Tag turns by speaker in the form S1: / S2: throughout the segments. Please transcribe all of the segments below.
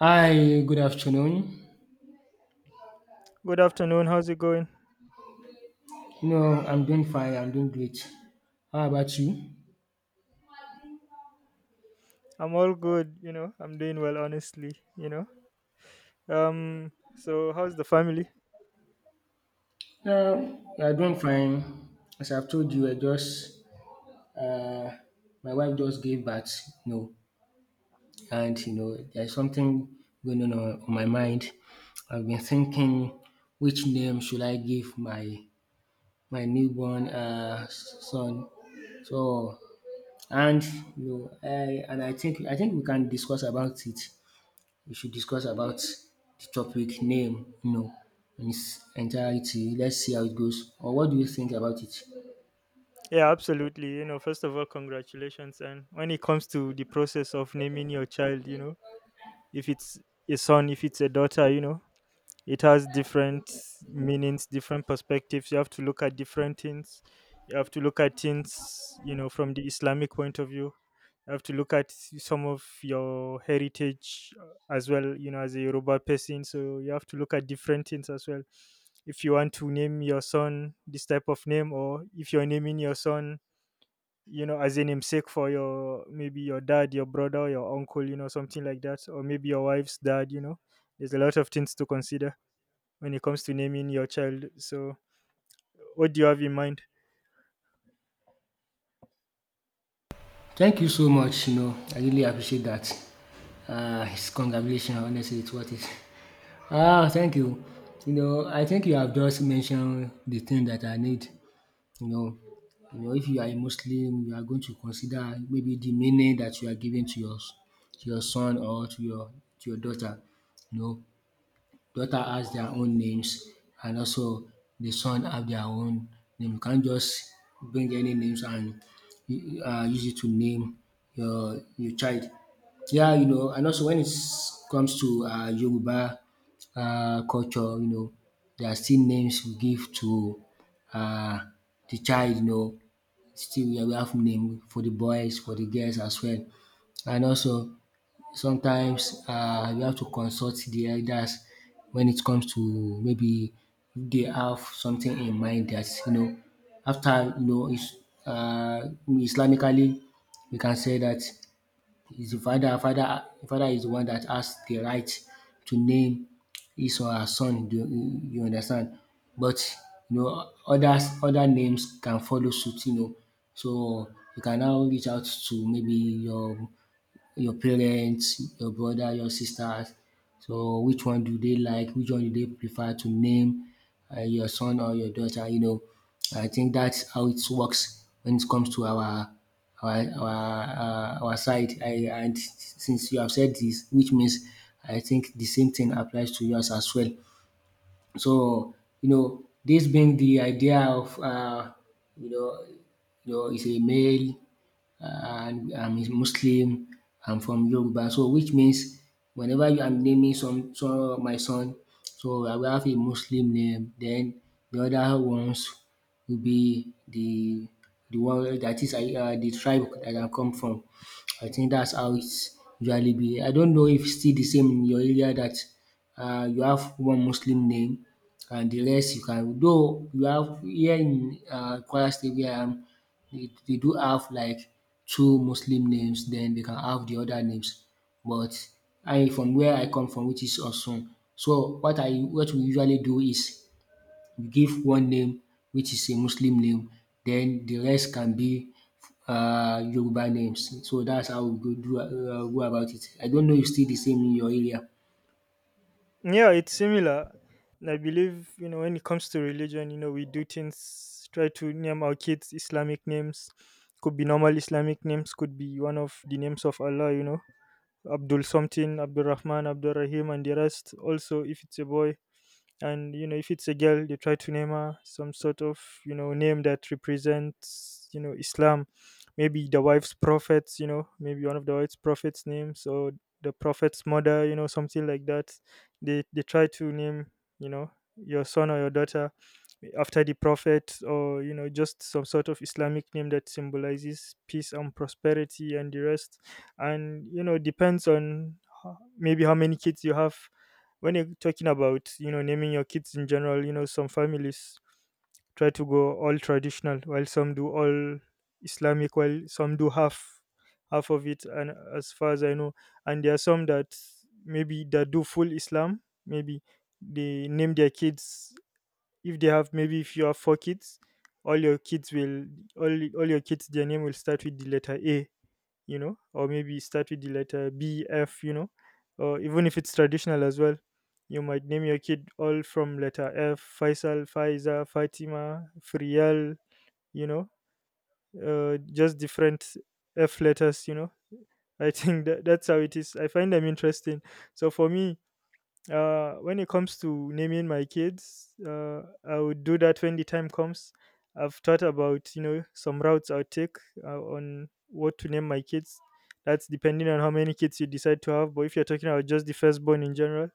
S1: Hi, good afternoon.
S2: Good afternoon. How's it going?
S1: No, I'm doing fine. I'm doing great. How about you?
S2: I'm all good, you know. I'm doing well honestly, you know. So how's the family?
S1: No, yeah, I'm doing fine. As I've told you, I just uh, my wife just gave birth. You know, and you know, there's something going on on my mind. I've been thinking, which name should I give my newborn son? So, and and I think we can discuss about it. We should discuss about the topic name, you know, in its entirety. Let's see how it goes. Or what do you think about it?
S2: Yeah, absolutely. You know, first of all, congratulations. And when it comes to the process of naming your child, you know, if it's a son, if it's a daughter, you know, it has different meanings, different perspectives. You have to look at different things, you have to look at things, you know, from the Islamic point of view. You have to look at some of your heritage as well, you know, as a Yoruba person. So you have to look at different things as well. If you want to name your son this type of name, or if you're naming your son, you know, as a namesake for your maybe your dad, your brother, your uncle, you know, something like that, or maybe your wife's dad, you know, there's a lot of things to consider when it comes to naming your child. So, what do you have in mind?
S1: Thank you so much. You know, I really appreciate that. It's congratulations. Honestly, it's worth it. Ah, thank you. You know, I think you have just mentioned the thing that I need. You know, you know, if you are a Muslim, you are going to consider maybe the meaning that you are giving to your son or to your daughter. You know, daughter has their own names, and also the son have their own name. You can't just bring any names and use it to name your child. Yeah, you know, and also when it comes to Yoruba culture, you know, there are still names we give to uh, the child, you know, still yeah, we have name for the boys, for the girls as well. And also sometimes you have to consult the elders when it comes to maybe they have something in mind that you know after you know is Islamically, we can say that is the father is the one that has the right to name his or her son. Do you understand? But you know, others, other names can follow suit, you know. So you can now reach out to maybe your parents, your brother, your sisters. So which one do they like? Which one do they prefer to name your son or your daughter? You know, I think that's how it works when it comes to our our side. I, and since you have said this, which means I think the same thing applies to yours as well. So you know, this being the idea of you know, you know, is a male, and I'm a Muslim. I'm from Yoruba, so which means whenever you am naming some my son, so I will have a Muslim name. Then the other ones will be the one that is the tribe that I come from. I think that's how it's usually be. I don't know if it's still the same in your area that you have one Muslim name and the rest you can, though you have here in Kwara State where I am, they do have like two Muslim names, then they can have the other names. But I, from where I come from, which is Osun, so what I, what we usually do is we give one name, which is a Muslim name, then the rest can be Yoruba names. So that's how we go do go about it. I don't know if it's still the same in your area.
S2: Yeah, it's similar. And I believe, you know, when it comes to religion, you know, we do things, try to name our kids Islamic names. Could be normal Islamic names, could be one of the names of Allah, you know, Abdul something, Abdul Rahman, Abdul Rahim, and the rest. Also, if it's a boy, and you know, if it's a girl, they try to name her some sort of, you know, name that represents, you know, Islam. Maybe the wife's prophets, you know, maybe one of the wife's prophets names, or the prophet's mother, you know, something like that. They try to name, you know, your son or your daughter after the prophet, or you know, just some sort of Islamic name that symbolizes peace and prosperity and the rest. And you know, depends on maybe how many kids you have. When you're talking about, you know, naming your kids in general, you know, some families try to go all traditional, while some do all Islamic, while some do half of it, and as far as I know. And there are some that maybe that do full Islam, maybe they name their kids. If they have, maybe if you have four kids, all your kids will all your kids, their name will start with the letter A, you know, or maybe start with the letter B, F, you know, or even if it's traditional as well. You might name your kid all from letter F, Faisal, Faiza, Fatima, Frial, you know, just different F letters, you know. I think that's how it is. I find them interesting. So for me, when it comes to naming my kids, I would do that when the time comes. I've thought about, you know, some routes I'll take on what to name my kids. That's depending on how many kids you decide to have. But if you're talking about just the firstborn in general,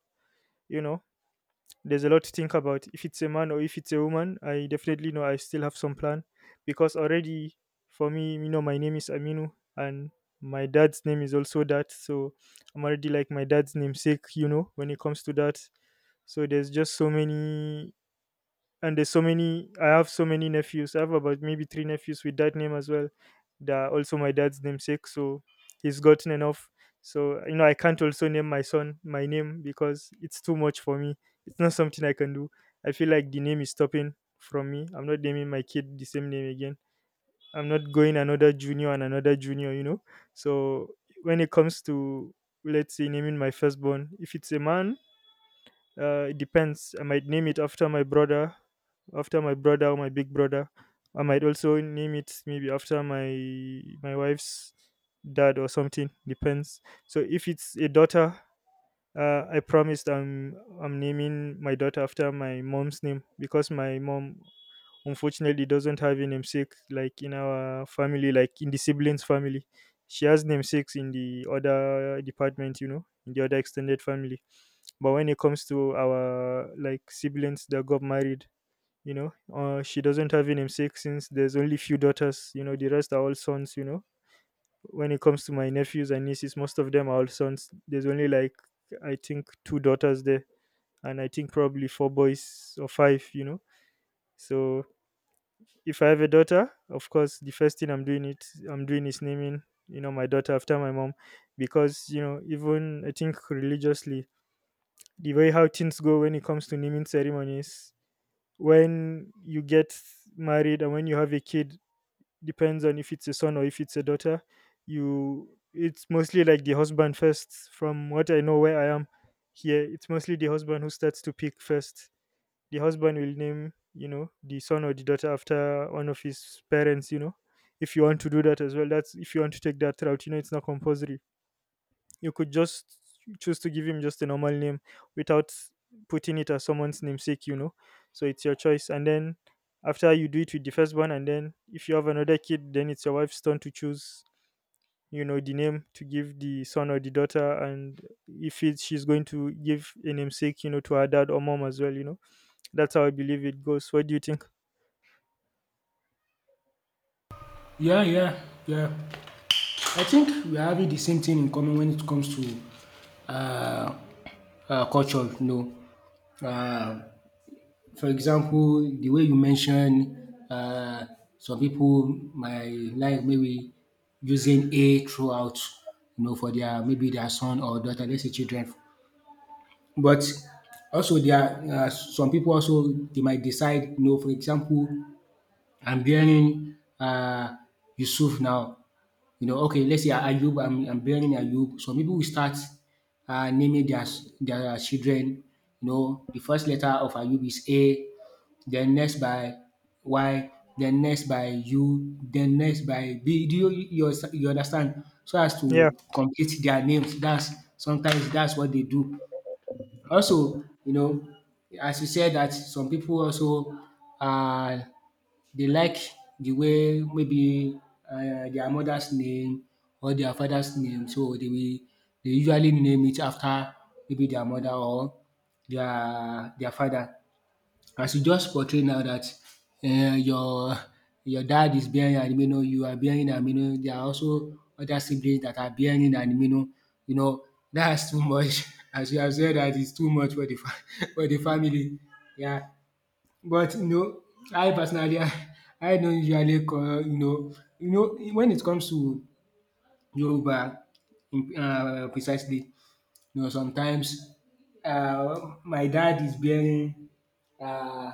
S2: you know, there's a lot to think about. If it's a man or if it's a woman, I definitely know I still have some plan, because already for me, you know, my name is Aminu, and my dad's name is also that. So I'm already like my dad's namesake, you know, when it comes to that. So there's just so many, and there's so many. I have so many nephews. I have about maybe three nephews with that name as well, that are also my dad's namesake. So he's gotten enough. So you know, I can't also name my son my name, because it's too much for me. It's not something I can do. I feel like the name is stopping from me. I'm not naming my kid the same name again. I'm not going another junior and another junior, you know. So when it comes to, let's say, naming my firstborn, if it's a man, it depends. I might name it after my brother, or my big brother. I might also name it maybe after my wife's dad or something. Depends. So if it's a daughter, I promised I'm naming my daughter after my mom's name, because my mom unfortunately doesn't have a namesake like in our family, like in the siblings family. She has namesakes in the other department, you know, in the other extended family, but when it comes to our, like, siblings that got married, you know, she doesn't have a namesake, since there's only few daughters, you know. The rest are all sons, you know. When it comes to my nephews and nieces, most of them are all sons. There's only like, I think, two daughters there, and I think probably four boys or five, you know. So if I have a daughter, of course, the first thing I'm doing is naming, you know, my daughter after my mom. Because you know, even I think religiously, the way how things go when it comes to naming ceremonies, when you get married and when you have a kid, depends on if it's a son or if it's a daughter. You It's mostly like the husband first. From what I know, where I am here, it's mostly the husband who starts to pick first. The husband will name, you know, the son or the daughter after one of his parents, you know, if you want to do that as well. That's if you want to take that route, you know. It's not compulsory. You could just choose to give him just a normal name without putting it as someone's namesake, you know. So it's your choice. And then after you do it with the firstborn, and then if you have another kid, then it's your wife's turn to choose, you know, the name to give the son or the daughter. And if it's, she's going to give a namesake, you know, to her dad or mom as well, you know. That's how I believe it goes. What do you think?
S1: Yeah, yeah, yeah. I think we are having the same thing in common when it comes to uh, culture. You know, uh, for example, the way you mentioned, uh, some people might like maybe using a throughout, you know, for their maybe their son or daughter, let's say children. But also there are some people also they might decide, you know, for example, I'm bearing Yusuf now. You know, okay, let's say Ayub, I'm bearing Ayub. Some people will start naming their children. You know, the first letter of Ayub is A, then next by Y, then next by U, then next by B. Do you understand? So as
S2: Yeah.
S1: to complete their names. That's sometimes that's what they do. Also, you know, as you said that some people also uh they like the way maybe their mother's name or their father's name, so they will dey usually name it after maybe their mother or their father. As you just portray now that uh your your dad is bearing an imenu, you are bearing an imenu, there are also other siblings that are bearing an imenu, you know, that's too much. As you have said dat is too much for the fa- for the family. Yeah. But you know, I personally I don't usually call you know when it comes to Yoruba in precisely, you know sometimes uh, my dad is bearing uh,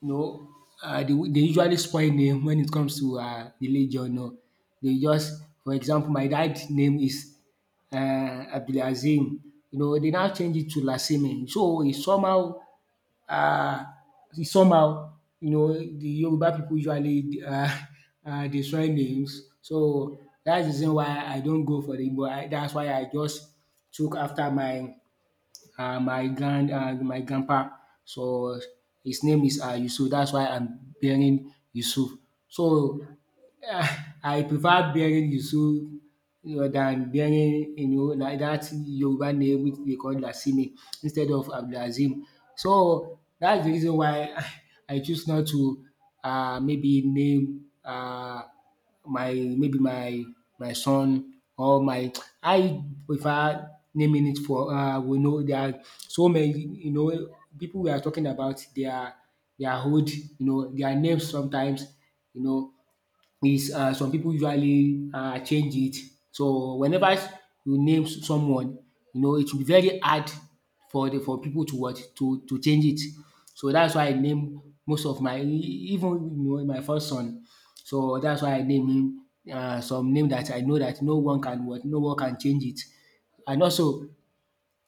S1: you know they usually spoil name when it comes to religion. No, they just, for example, my dad's name is Abdulazim. You know they now change it to Lasime. So it's somehow uh, somehow, you know, the Yoruba people usually dey soil names. So that's the reason why I don't go for the Igbo. I that's why I just took after my my grand my grandpa. So his name is Yusuf. That's why I'm bearing Yusuf. So ah, I prefer bearing Yusuru rather than bearing you know like that Yoruba name which they call Lasini instead of Abdulazim. So that's the reason why I choose not to maybe name my maybe my son or my I prefer naming it for we know there are so many you know people we are talking about their hood, you know, their names sometimes, you know, is some people usually change it. So whenever you name someone, you know it will be very hard for the for people to what to change it. So that's why I name most of my even you know my first son. So that's why I name him some name that I know that no one can what no one can change it. And also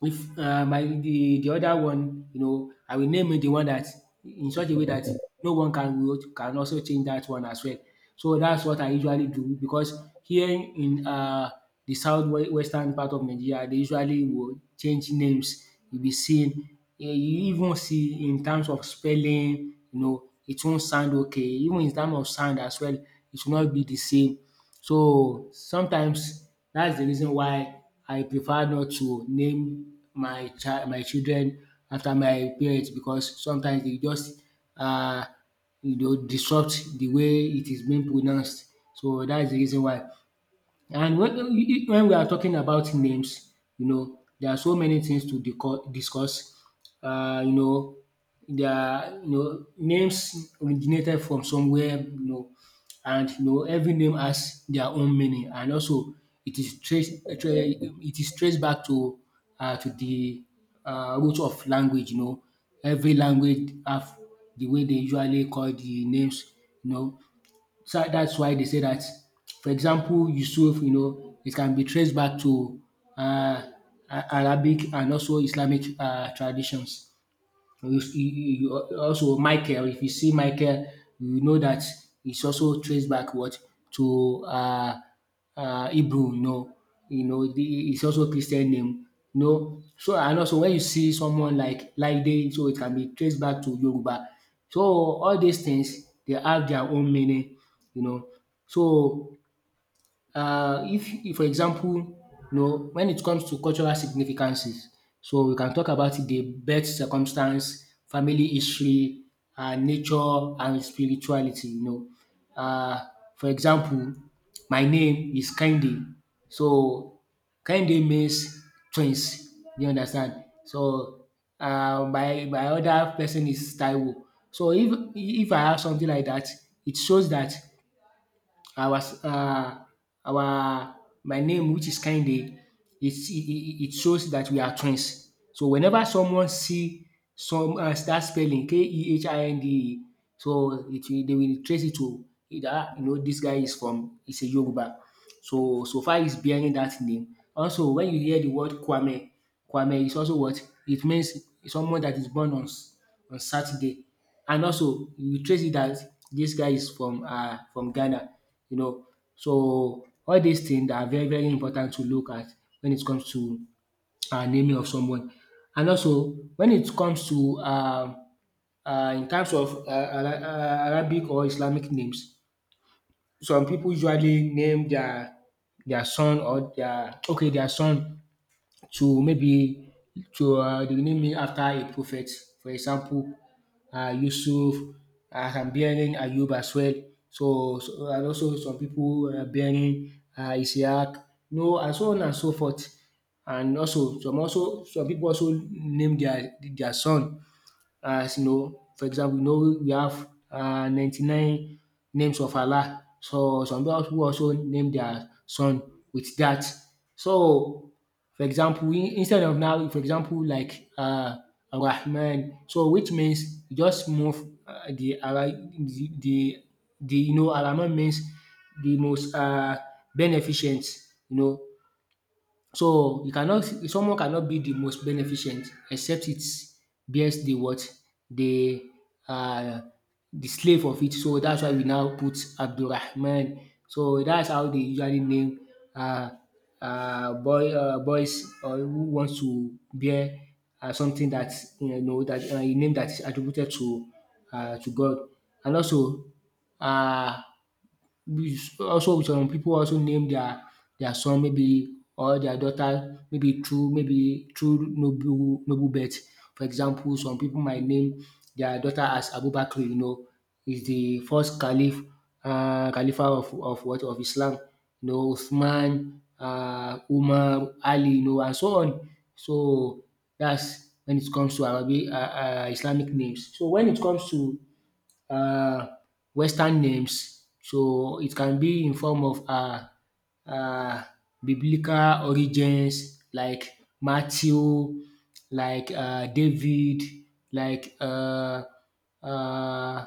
S1: if I, the other one, you know, I will name it the one that in such a way that no one can vote, can also change that one as well. So that's what I usually do because here in the south western part of Nigeria they usually will change names. You will be seeing eh, you even see in terms of spelling, you know, it won't sound okay. Even in terms of sound as well, it will not be the same. So sometimes that's the reason why I prefer not to name my child, my children, after my parents because sometimes they just um you know disrupt the way it is being pronounced. So that's the reason why. And when we are talking about names, you know, there are so many things to discuss. You know, there are you know names originated from somewhere. You know, and you know every name has their own meaning, and also it is it is traced back to the root of language. You know, every language have the way they usually call the names. You know, so that's why they say that, for example, Yusuf, you know, it can be traced back to uh, Arabic and also Islamic traditions. You also Michael, if you see Michael, you know that it's also traced back what to Hebrew. No, you know the it's also Christian name. No. So and also when you see someone like Laide, so it can be traced back to Yoruba. So all these things they have their own meaning, you know. So if, for example, you know, when it comes to cultural significances, so we can talk about the birth circumstance, family history, nature, and spirituality. You know, uh, for example, my name is Kende, so Kende means twins. You understand? So my my other person is Taiwo. So if I have something like that, it shows that I was our my name, which is kinde, it shows that we are twins. So whenever someone see some that spelling Kehinde, so it will they will trace it to either you know this guy is from is a Yoruba. So, so far is bearing that name. Also, when you hear the word Kwame, Kwame is also what it means someone that is born on Saturday, and also you trace it that this guy is from Ghana, you know. So all these things are very very important to look at when it comes to naming of someone, and also when it comes to in terms of Arabic or Islamic names. Some people usually name their son or their okay their son to maybe to they will name it after a prophet. For example, Yusuf. I am bearing Ayub as well. So and also some people are bearing Isaac. No, and so on and so forth. And also some people also name their son, as you know, for example, you know we have 99 names of Allah. So some people also name their son with that. So for example, instead of now, for example, like Rahman, so which means you just move uh, the, Ara- the the the, you know, Rahman means the most beneficent, you know, so you cannot someone cannot be the most beneficent except it bears the what? The uh slave of it. So that's why we now put Abdulrahman. So that's how they usually name uh boys, or who wants to bear something that, you know, that a name that is attributed to God. And also uh some people also name their son, maybe, or their daughter, maybe through noble noble birth. For example, some people might name their daughter as Abubakar. You know, is the first caliph, um, caliphate of what of Islam. You know, Uthman, um, Umar, Ali, you know, and so on. So that's when it comes to Arabic, um, Islamic names. So when it comes to uh, Western names. So it can be in form of uh, biblical origins, like Matthew, like David, like uh,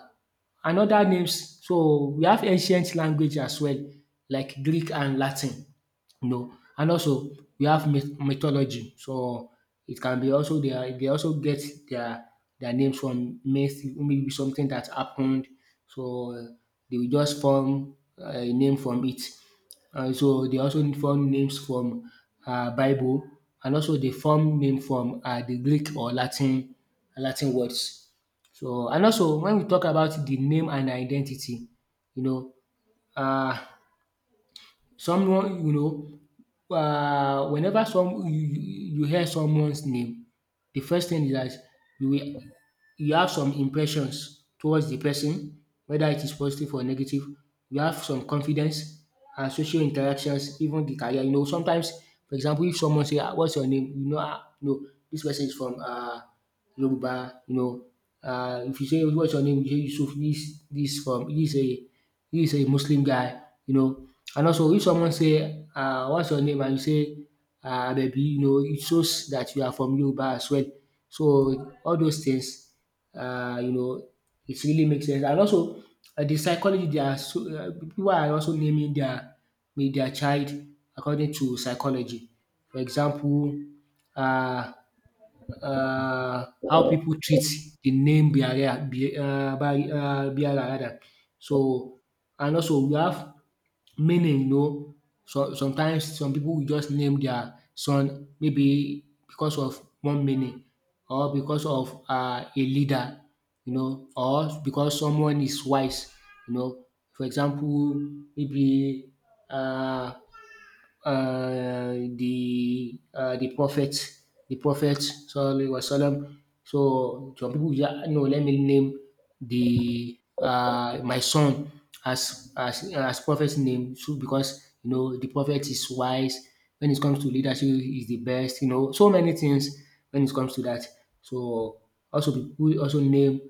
S1: and other names. So we have ancient language as well, like Greek and Latin. No. And also we have mythology, so it can be also they also get their their names from myth, maybe something that happened. So they will just form a name from it. So they also form names from Bible, and also they form name from the Greek or Latin words. So and also when we talk about the name and identity, you know, uh, whenever some you you you hear someone's name, the first thing is that you will you have some impressions towards the person, whether it is positive or negative. You have some confidence and social interactions, even the career. You know, sometimes, for example, if someone say, "Ah, What's your name?" You know, ah, no, this person is from Yoruba, you know, if you say, "What's your name?" You say, "Yusuf, this a, this a Muslim guy," you know. And also, if someone say, "What's your name?" and you say, "Baby," you know, it shows that you are from Yoruba as well. So all those things, you know, it really makes sense. And also, the psychology, they are so, people are also naming their with their child according to psychology. For example, uh, how people treat the name barrier, barrier rather. So, and also we have meaning, you know, so sometimes some people will just name their son maybe because of one meaning, or because of a leader, you know, or because someone is wise, you know. For example, maybe uh, uh, the uh, the prophet, the prophet sallallahu alaihi wasallam. So some people just, no, let me name the my son as prophet's name, so because you know the prophet is wise when it comes to leadership, is the best. You know, so many things when it comes to that. So also people also name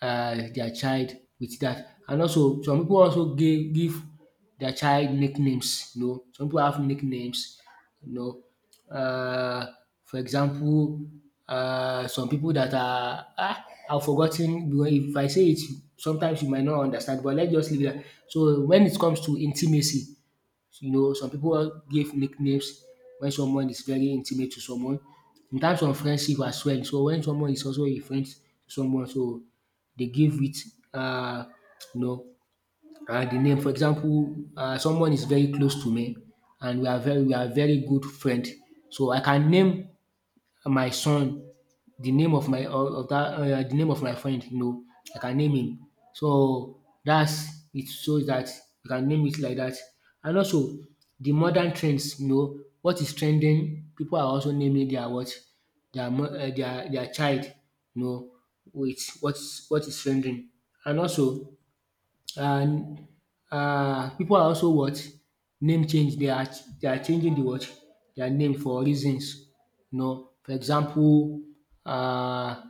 S1: their child with that, and also some people also give their child nicknames, you know. Some people have nicknames, you know. Uh, for example, some people that are, ah, I've forgotten, because if I say it, sometimes you might not understand, but let's just leave it. So when it comes to intimacy, you know, some people give nicknames when someone is very intimate to someone. In terms of friendship as well, so when someone is also a friend to someone, so they give it uh, you know the name. For example, someone is very close to me, and we are very good friend. So I can name my son the name of my of that the name of my friend. You know, I can name him. So that's, it shows that you can name it like that. And also the modern trends. You know what is trending. People are also naming their what, their mo- their child. You know, with what is trending. And also, and um, pipu are also what, name change they are changing the what, their name, for reasons, you know, for example, uh,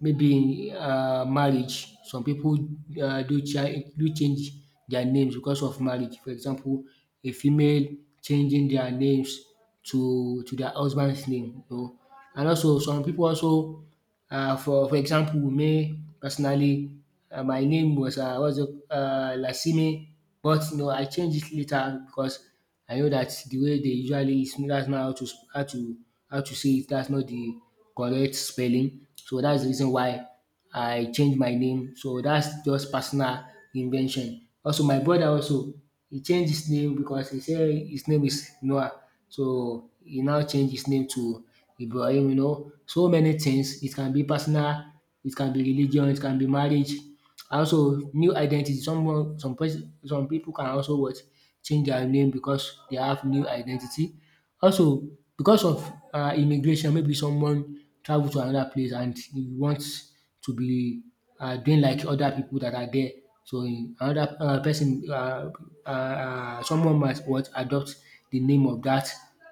S1: maybe in marriage, some people do change their names because of marriage. For example, a female changing their names to their husband's name, you know. And also some people also, um, for example, me personally, um, my name was, um, what's it, um, Lasimi, but no, I changed it later because I know that the way they usually is, that's not how to how to say it, dat's not the correct spelling, so that's the reason why I changed my name. So that's just personal invention. Also my brother also, he changed his name because he said his name is Noah. So he now changed his name to Ibrahim, you know. So many things. It can be personal, it can be religion, it can be marriage. Also, new identity. Someone, some people can also what, change their name because they have new identity. Also, because of immigration, maybe someone travel to another place and e want to be doing like other people that are there. So in another person someone might what, adopt the name of that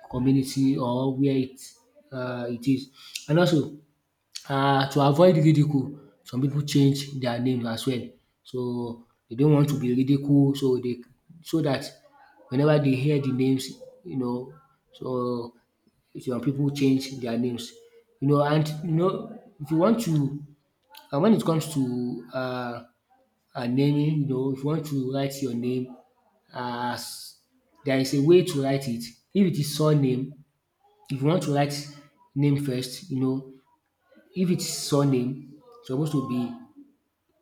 S1: community or where it it is. And also to avoid ridicule, some people change their name as well. So they don't want to be ridiculed, so they, so that whenever they hear the names, you know, so some people change their names. You know, and you know, if you want to, and wen it comes to naming, you know, if you want to write your name as, there is a way to write it. If it is surname, if you want to write name first, you know, if it's surname, it's supposed to be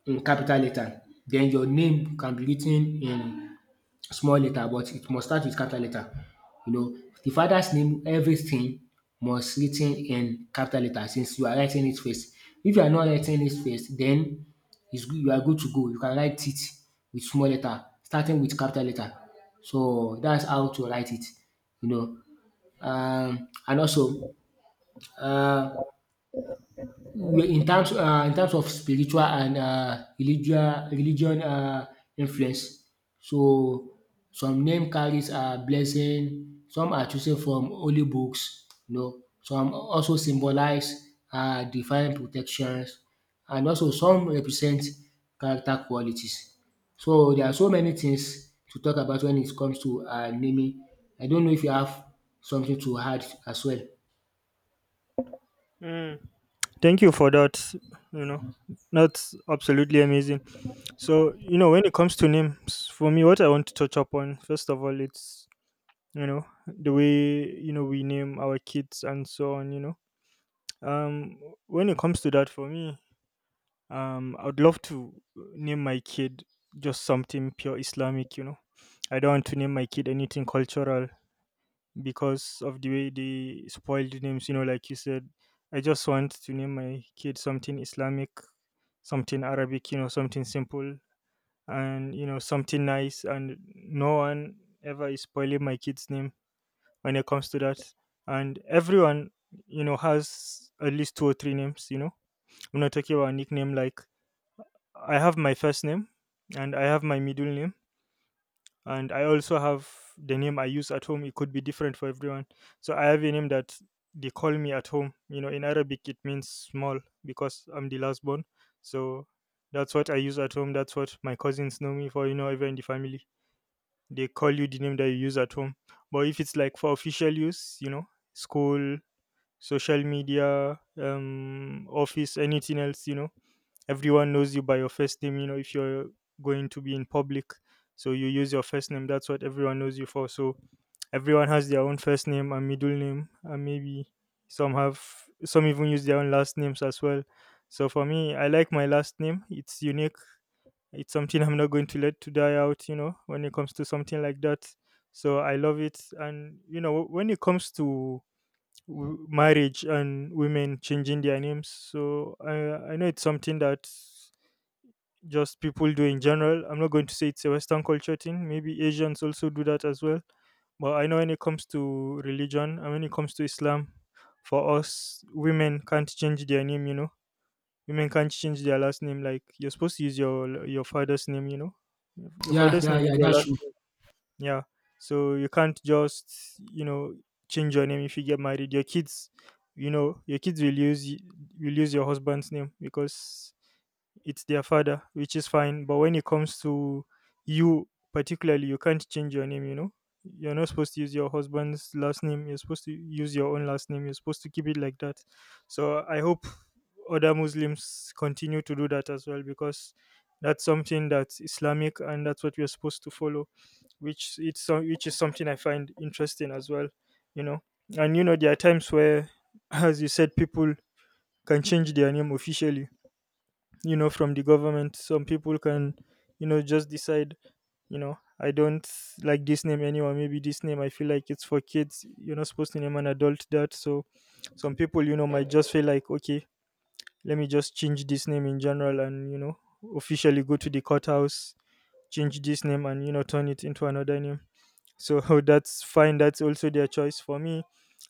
S1: in capital letter. Then your name can be written in small letter, but it must start with capital letter. You know, the father's name, everything must written in capital letter since you are writing it first. If you are not writing it first, then it's good, you are good to go. You can write it with small letter starting with capital letter. So that's how to write it, you know. Um, and also um, well, in terms of spiritual and religious religion influence. So some name carries a blessing, some are chosen from holy books, you know, some also symbolize divine protections, and also some represent character qualities. So there are so many things to talk about when it comes to naming. I don't know if you have something to add as well.
S2: Mm. Thank you for that, you know. That's absolutely amazing. So, you know, when it comes to names, for me, what I want to touch upon, first of all, you know, the way, you know, we name our kids and so on, you know. Um, when it comes to that, for me, I would love to name my kid just something pure Islamic, you know. I don't want to name my kid anything cultural because of the way they spoil the names, you know, like you said. I just want to name my kid something Islamic, something Arabic, you know, something simple, and you know, something nice, and no one ever is spoiling my kid's name when it comes to that. And everyone, you know, has at least two or three names, you know. I'm not talking about a nickname. Like, I have my first name, and I have my middle name, and I also have the name I use at home. It could be different for everyone. So I have a name that they call me at home. You know, in Arabic it means small, because I'm the last born. So that's what I use at home. That's what my cousins know me for, you know. Even in the family, they call you the name that you use at home. But if it's like for official use, you know, school, social media, office, anything else, you know. Everyone knows you by your first name, you know, if you're going to be in public. So you use your first name. That's what everyone knows you for. So everyone has their own first name and middle name. And maybe some have, some even use their own last names as well. So for me, I like my last name. It's unique. It's something I'm not going to let to die out, you know, when it comes to something like that. So I love it. And, you know, when it comes to marriage and women changing their names. So I know it's something that just people do in general. I'm not going to say it's a Western culture thing. Maybe Asians also do that as well. But I know when it comes to religion and when it comes to Islam, for us, women can't change their name. You know, women can't change their last name. Like, you're supposed to use your father's name. You know, your
S1: Yeah,
S2: father's
S1: yeah,
S2: name is
S1: yeah,
S2: your
S1: that's
S2: last,
S1: true.
S2: yeah. So you can't just, you know, change your name if you get married. Your kids, you know, your kids will use will use your husband's name, because it's their father, which is fine. But when it comes to you particularly, you can't change your name, you know? You're not supposed to use your husband's last name. You're supposed to use your own last name. You're supposed to keep it like that. So I hope other Muslims continue to do that as well because that's something that's Islamic and that's what we're supposed to follow, which is something I find interesting as well. You know. And you know, there are times where, as you said, people can change their name officially you know from the government. Some people can you know just decide, I don't like this name anymore. Maybe this name, I feel like it's for kids, you're not supposed to name an adult that. So some people you know might just feel like, okay, let me just change this name in general and you know officially go to the courthouse, change this name and you know turn it into another name. So that's fine, that's also their choice. For me,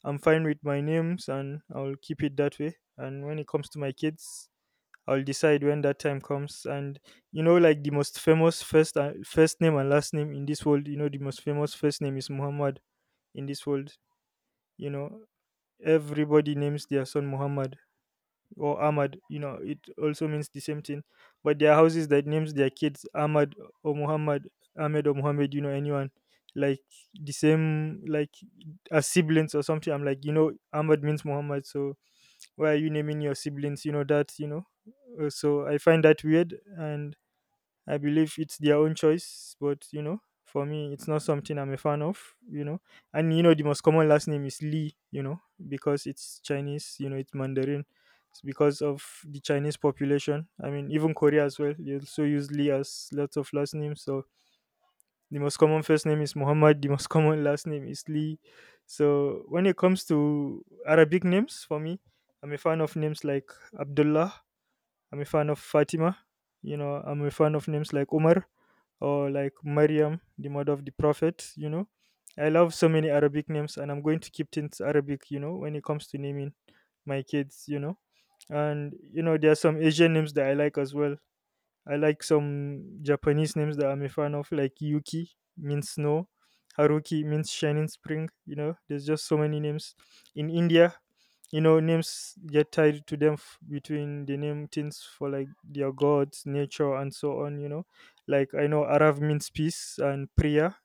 S2: I'm fine with my names and I'll keep it that way. And when it comes to my kids, I'll decide when that time comes. And you know, like the most famous first name and last name in this world. You know, the most famous first name is Muhammad in this world. You know, everybody names their son Muhammad or Ahmad. You know, it also means the same thing. But there are houses that names their kids Ahmad or Muhammad, Ahmed or Muhammad. You know, anyone like the same, like as siblings or something. I'm like, you know, Ahmad means Muhammad, so why are you naming your siblings? You know that you know So I find that weird, and I believe it's their own choice, but you know, for me it's not something I'm a fan of. You know. And you know, the most common last name is Lee, you know, because it's Chinese, you know, it's Mandarin. It's because of the Chinese population. I mean, even Korea as well, they also use Lee as lots of last names. So the most common first name is Muhammad, the most common last name is Lee. So when it comes to Arabic names, for me, I'm a fan of names like Abdullah. I'm a fan of Fatima. You know, I'm a fan of names like Umar or like Maryam, the mother of the Prophet. You know, I love so many Arabic names, and I'm going to keep things Arabic, you know, when it comes to naming my kids. You know, and you know, there are some Asian names that I like as well. I like some Japanese names that I'm a fan of, like Yuki means snow, Haruki means shining spring. You know, there's just so many names. In India, you know, names get tied to them between the name things for like their gods, nature, and so on. You know, like I know Arav means peace and Priya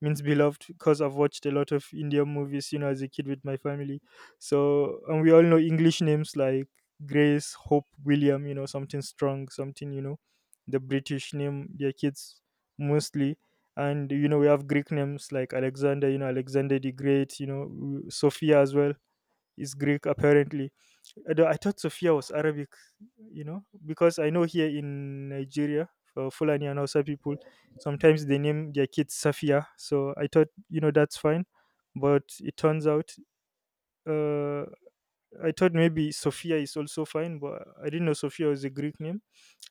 S2: means beloved, because I've watched a lot of Indian movies, you know, as a kid with my family. So, and we all know English names like Grace, Hope, William, you know, something strong, something, you know, the British name their kids mostly. And, you know, we have Greek names like Alexander, you know, Alexander the Great, you know, Sophia as well is Greek apparently. I thought Sofia was Arabic, you know, because I know here in Nigeria, for Fulani and Hausa people, sometimes they name their kids Safia. So I thought, you know, that's fine. But it turns out uh, I thought maybe Sophia is also fine, but I didn't know Sophia was a Greek name.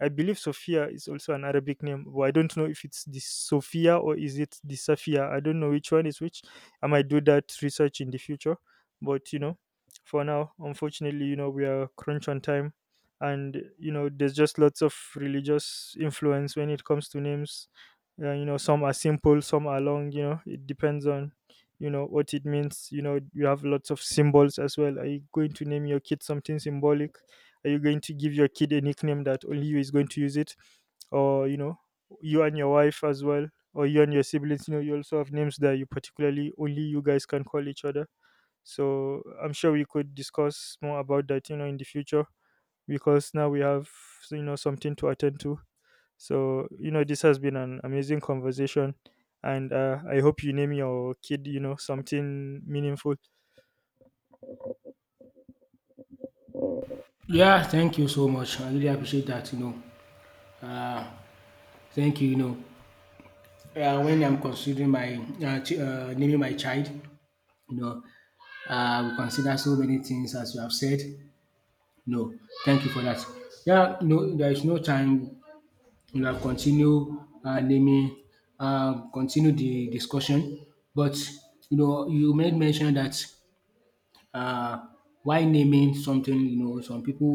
S2: I believe Sophia is also an Arabic name, but I don't know if it's the Sophia or is it the Safia. I don't know which one is which. I might do that research in the future, but you know, for now, unfortunately, you know, we are crunch on time, and you know, there's just lots of religious influence when it comes to names. You know, some are simple, some are long. You know, it depends on, you know, what it means. You know, you have lots of symbols as well. Are you going to name your kid something symbolic? Are you going to give your kid a nickname that only you is going to use it, or, you know, you and your wife as well, or you and your siblings? You know, you also have names that you particularly only you guys can call each other. So I'm sure we could discuss more about that, you know, in the future, because now we have, you know, something to attend to. So, you know, this has been an amazing conversation. And I hope you name your kid, you know, something meaningful.
S1: Yeah, thank you so much. I really appreciate that. You know, thank you. You know, when I'm considering my naming my child, you know, we consider so many things as you have said. No, thank you for that. Yeah, no, there is no time. We have continue naming, continue the discussion, but you know, you made mention that uh, why naming something, you know, some people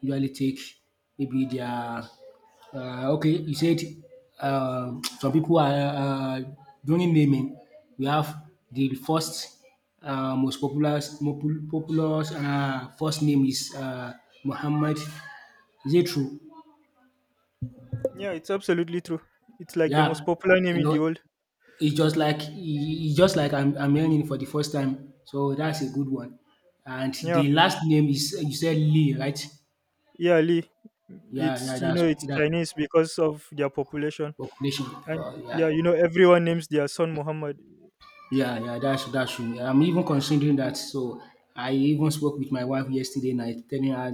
S1: usually take maybe their okay, you said uh, some people are during naming, we have the first most popular popular first name is Muhammad. Is it true?
S2: Yeah, it's absolutely true. It's like the
S1: Yeah,
S2: most popular name
S1: you
S2: in the
S1: know,
S2: world.
S1: it's just like I'm learning for the first time, so that's a good one. And
S2: Yeah.
S1: the last name is, you said Lee, right?
S2: Yeah, Lee.
S1: Yeah, yeah,
S2: It's, you know,
S1: that's
S2: it's
S1: that
S2: Chinese because of their population.
S1: population.
S2: And yeah,
S1: Yeah,
S2: you know, everyone names their son Muhammad.
S1: yeah, yeah, that's true. Yeah, I'm even considering that. So I even spoke with my wife yesterday night, telling her,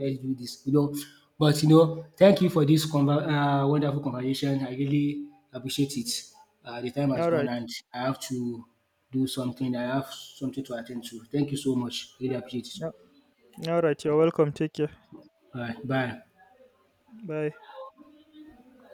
S1: let's do this. You know, but you know, thank you for this wonderful conversation. I really appreciate it. The time has
S2: All
S1: gone,
S2: right.
S1: and I have to do something. I have something to attend to. Thank you so much. Really appreciate it.
S2: Yeah. All right. You're welcome. Take care.
S1: All right, bye.
S2: Bye.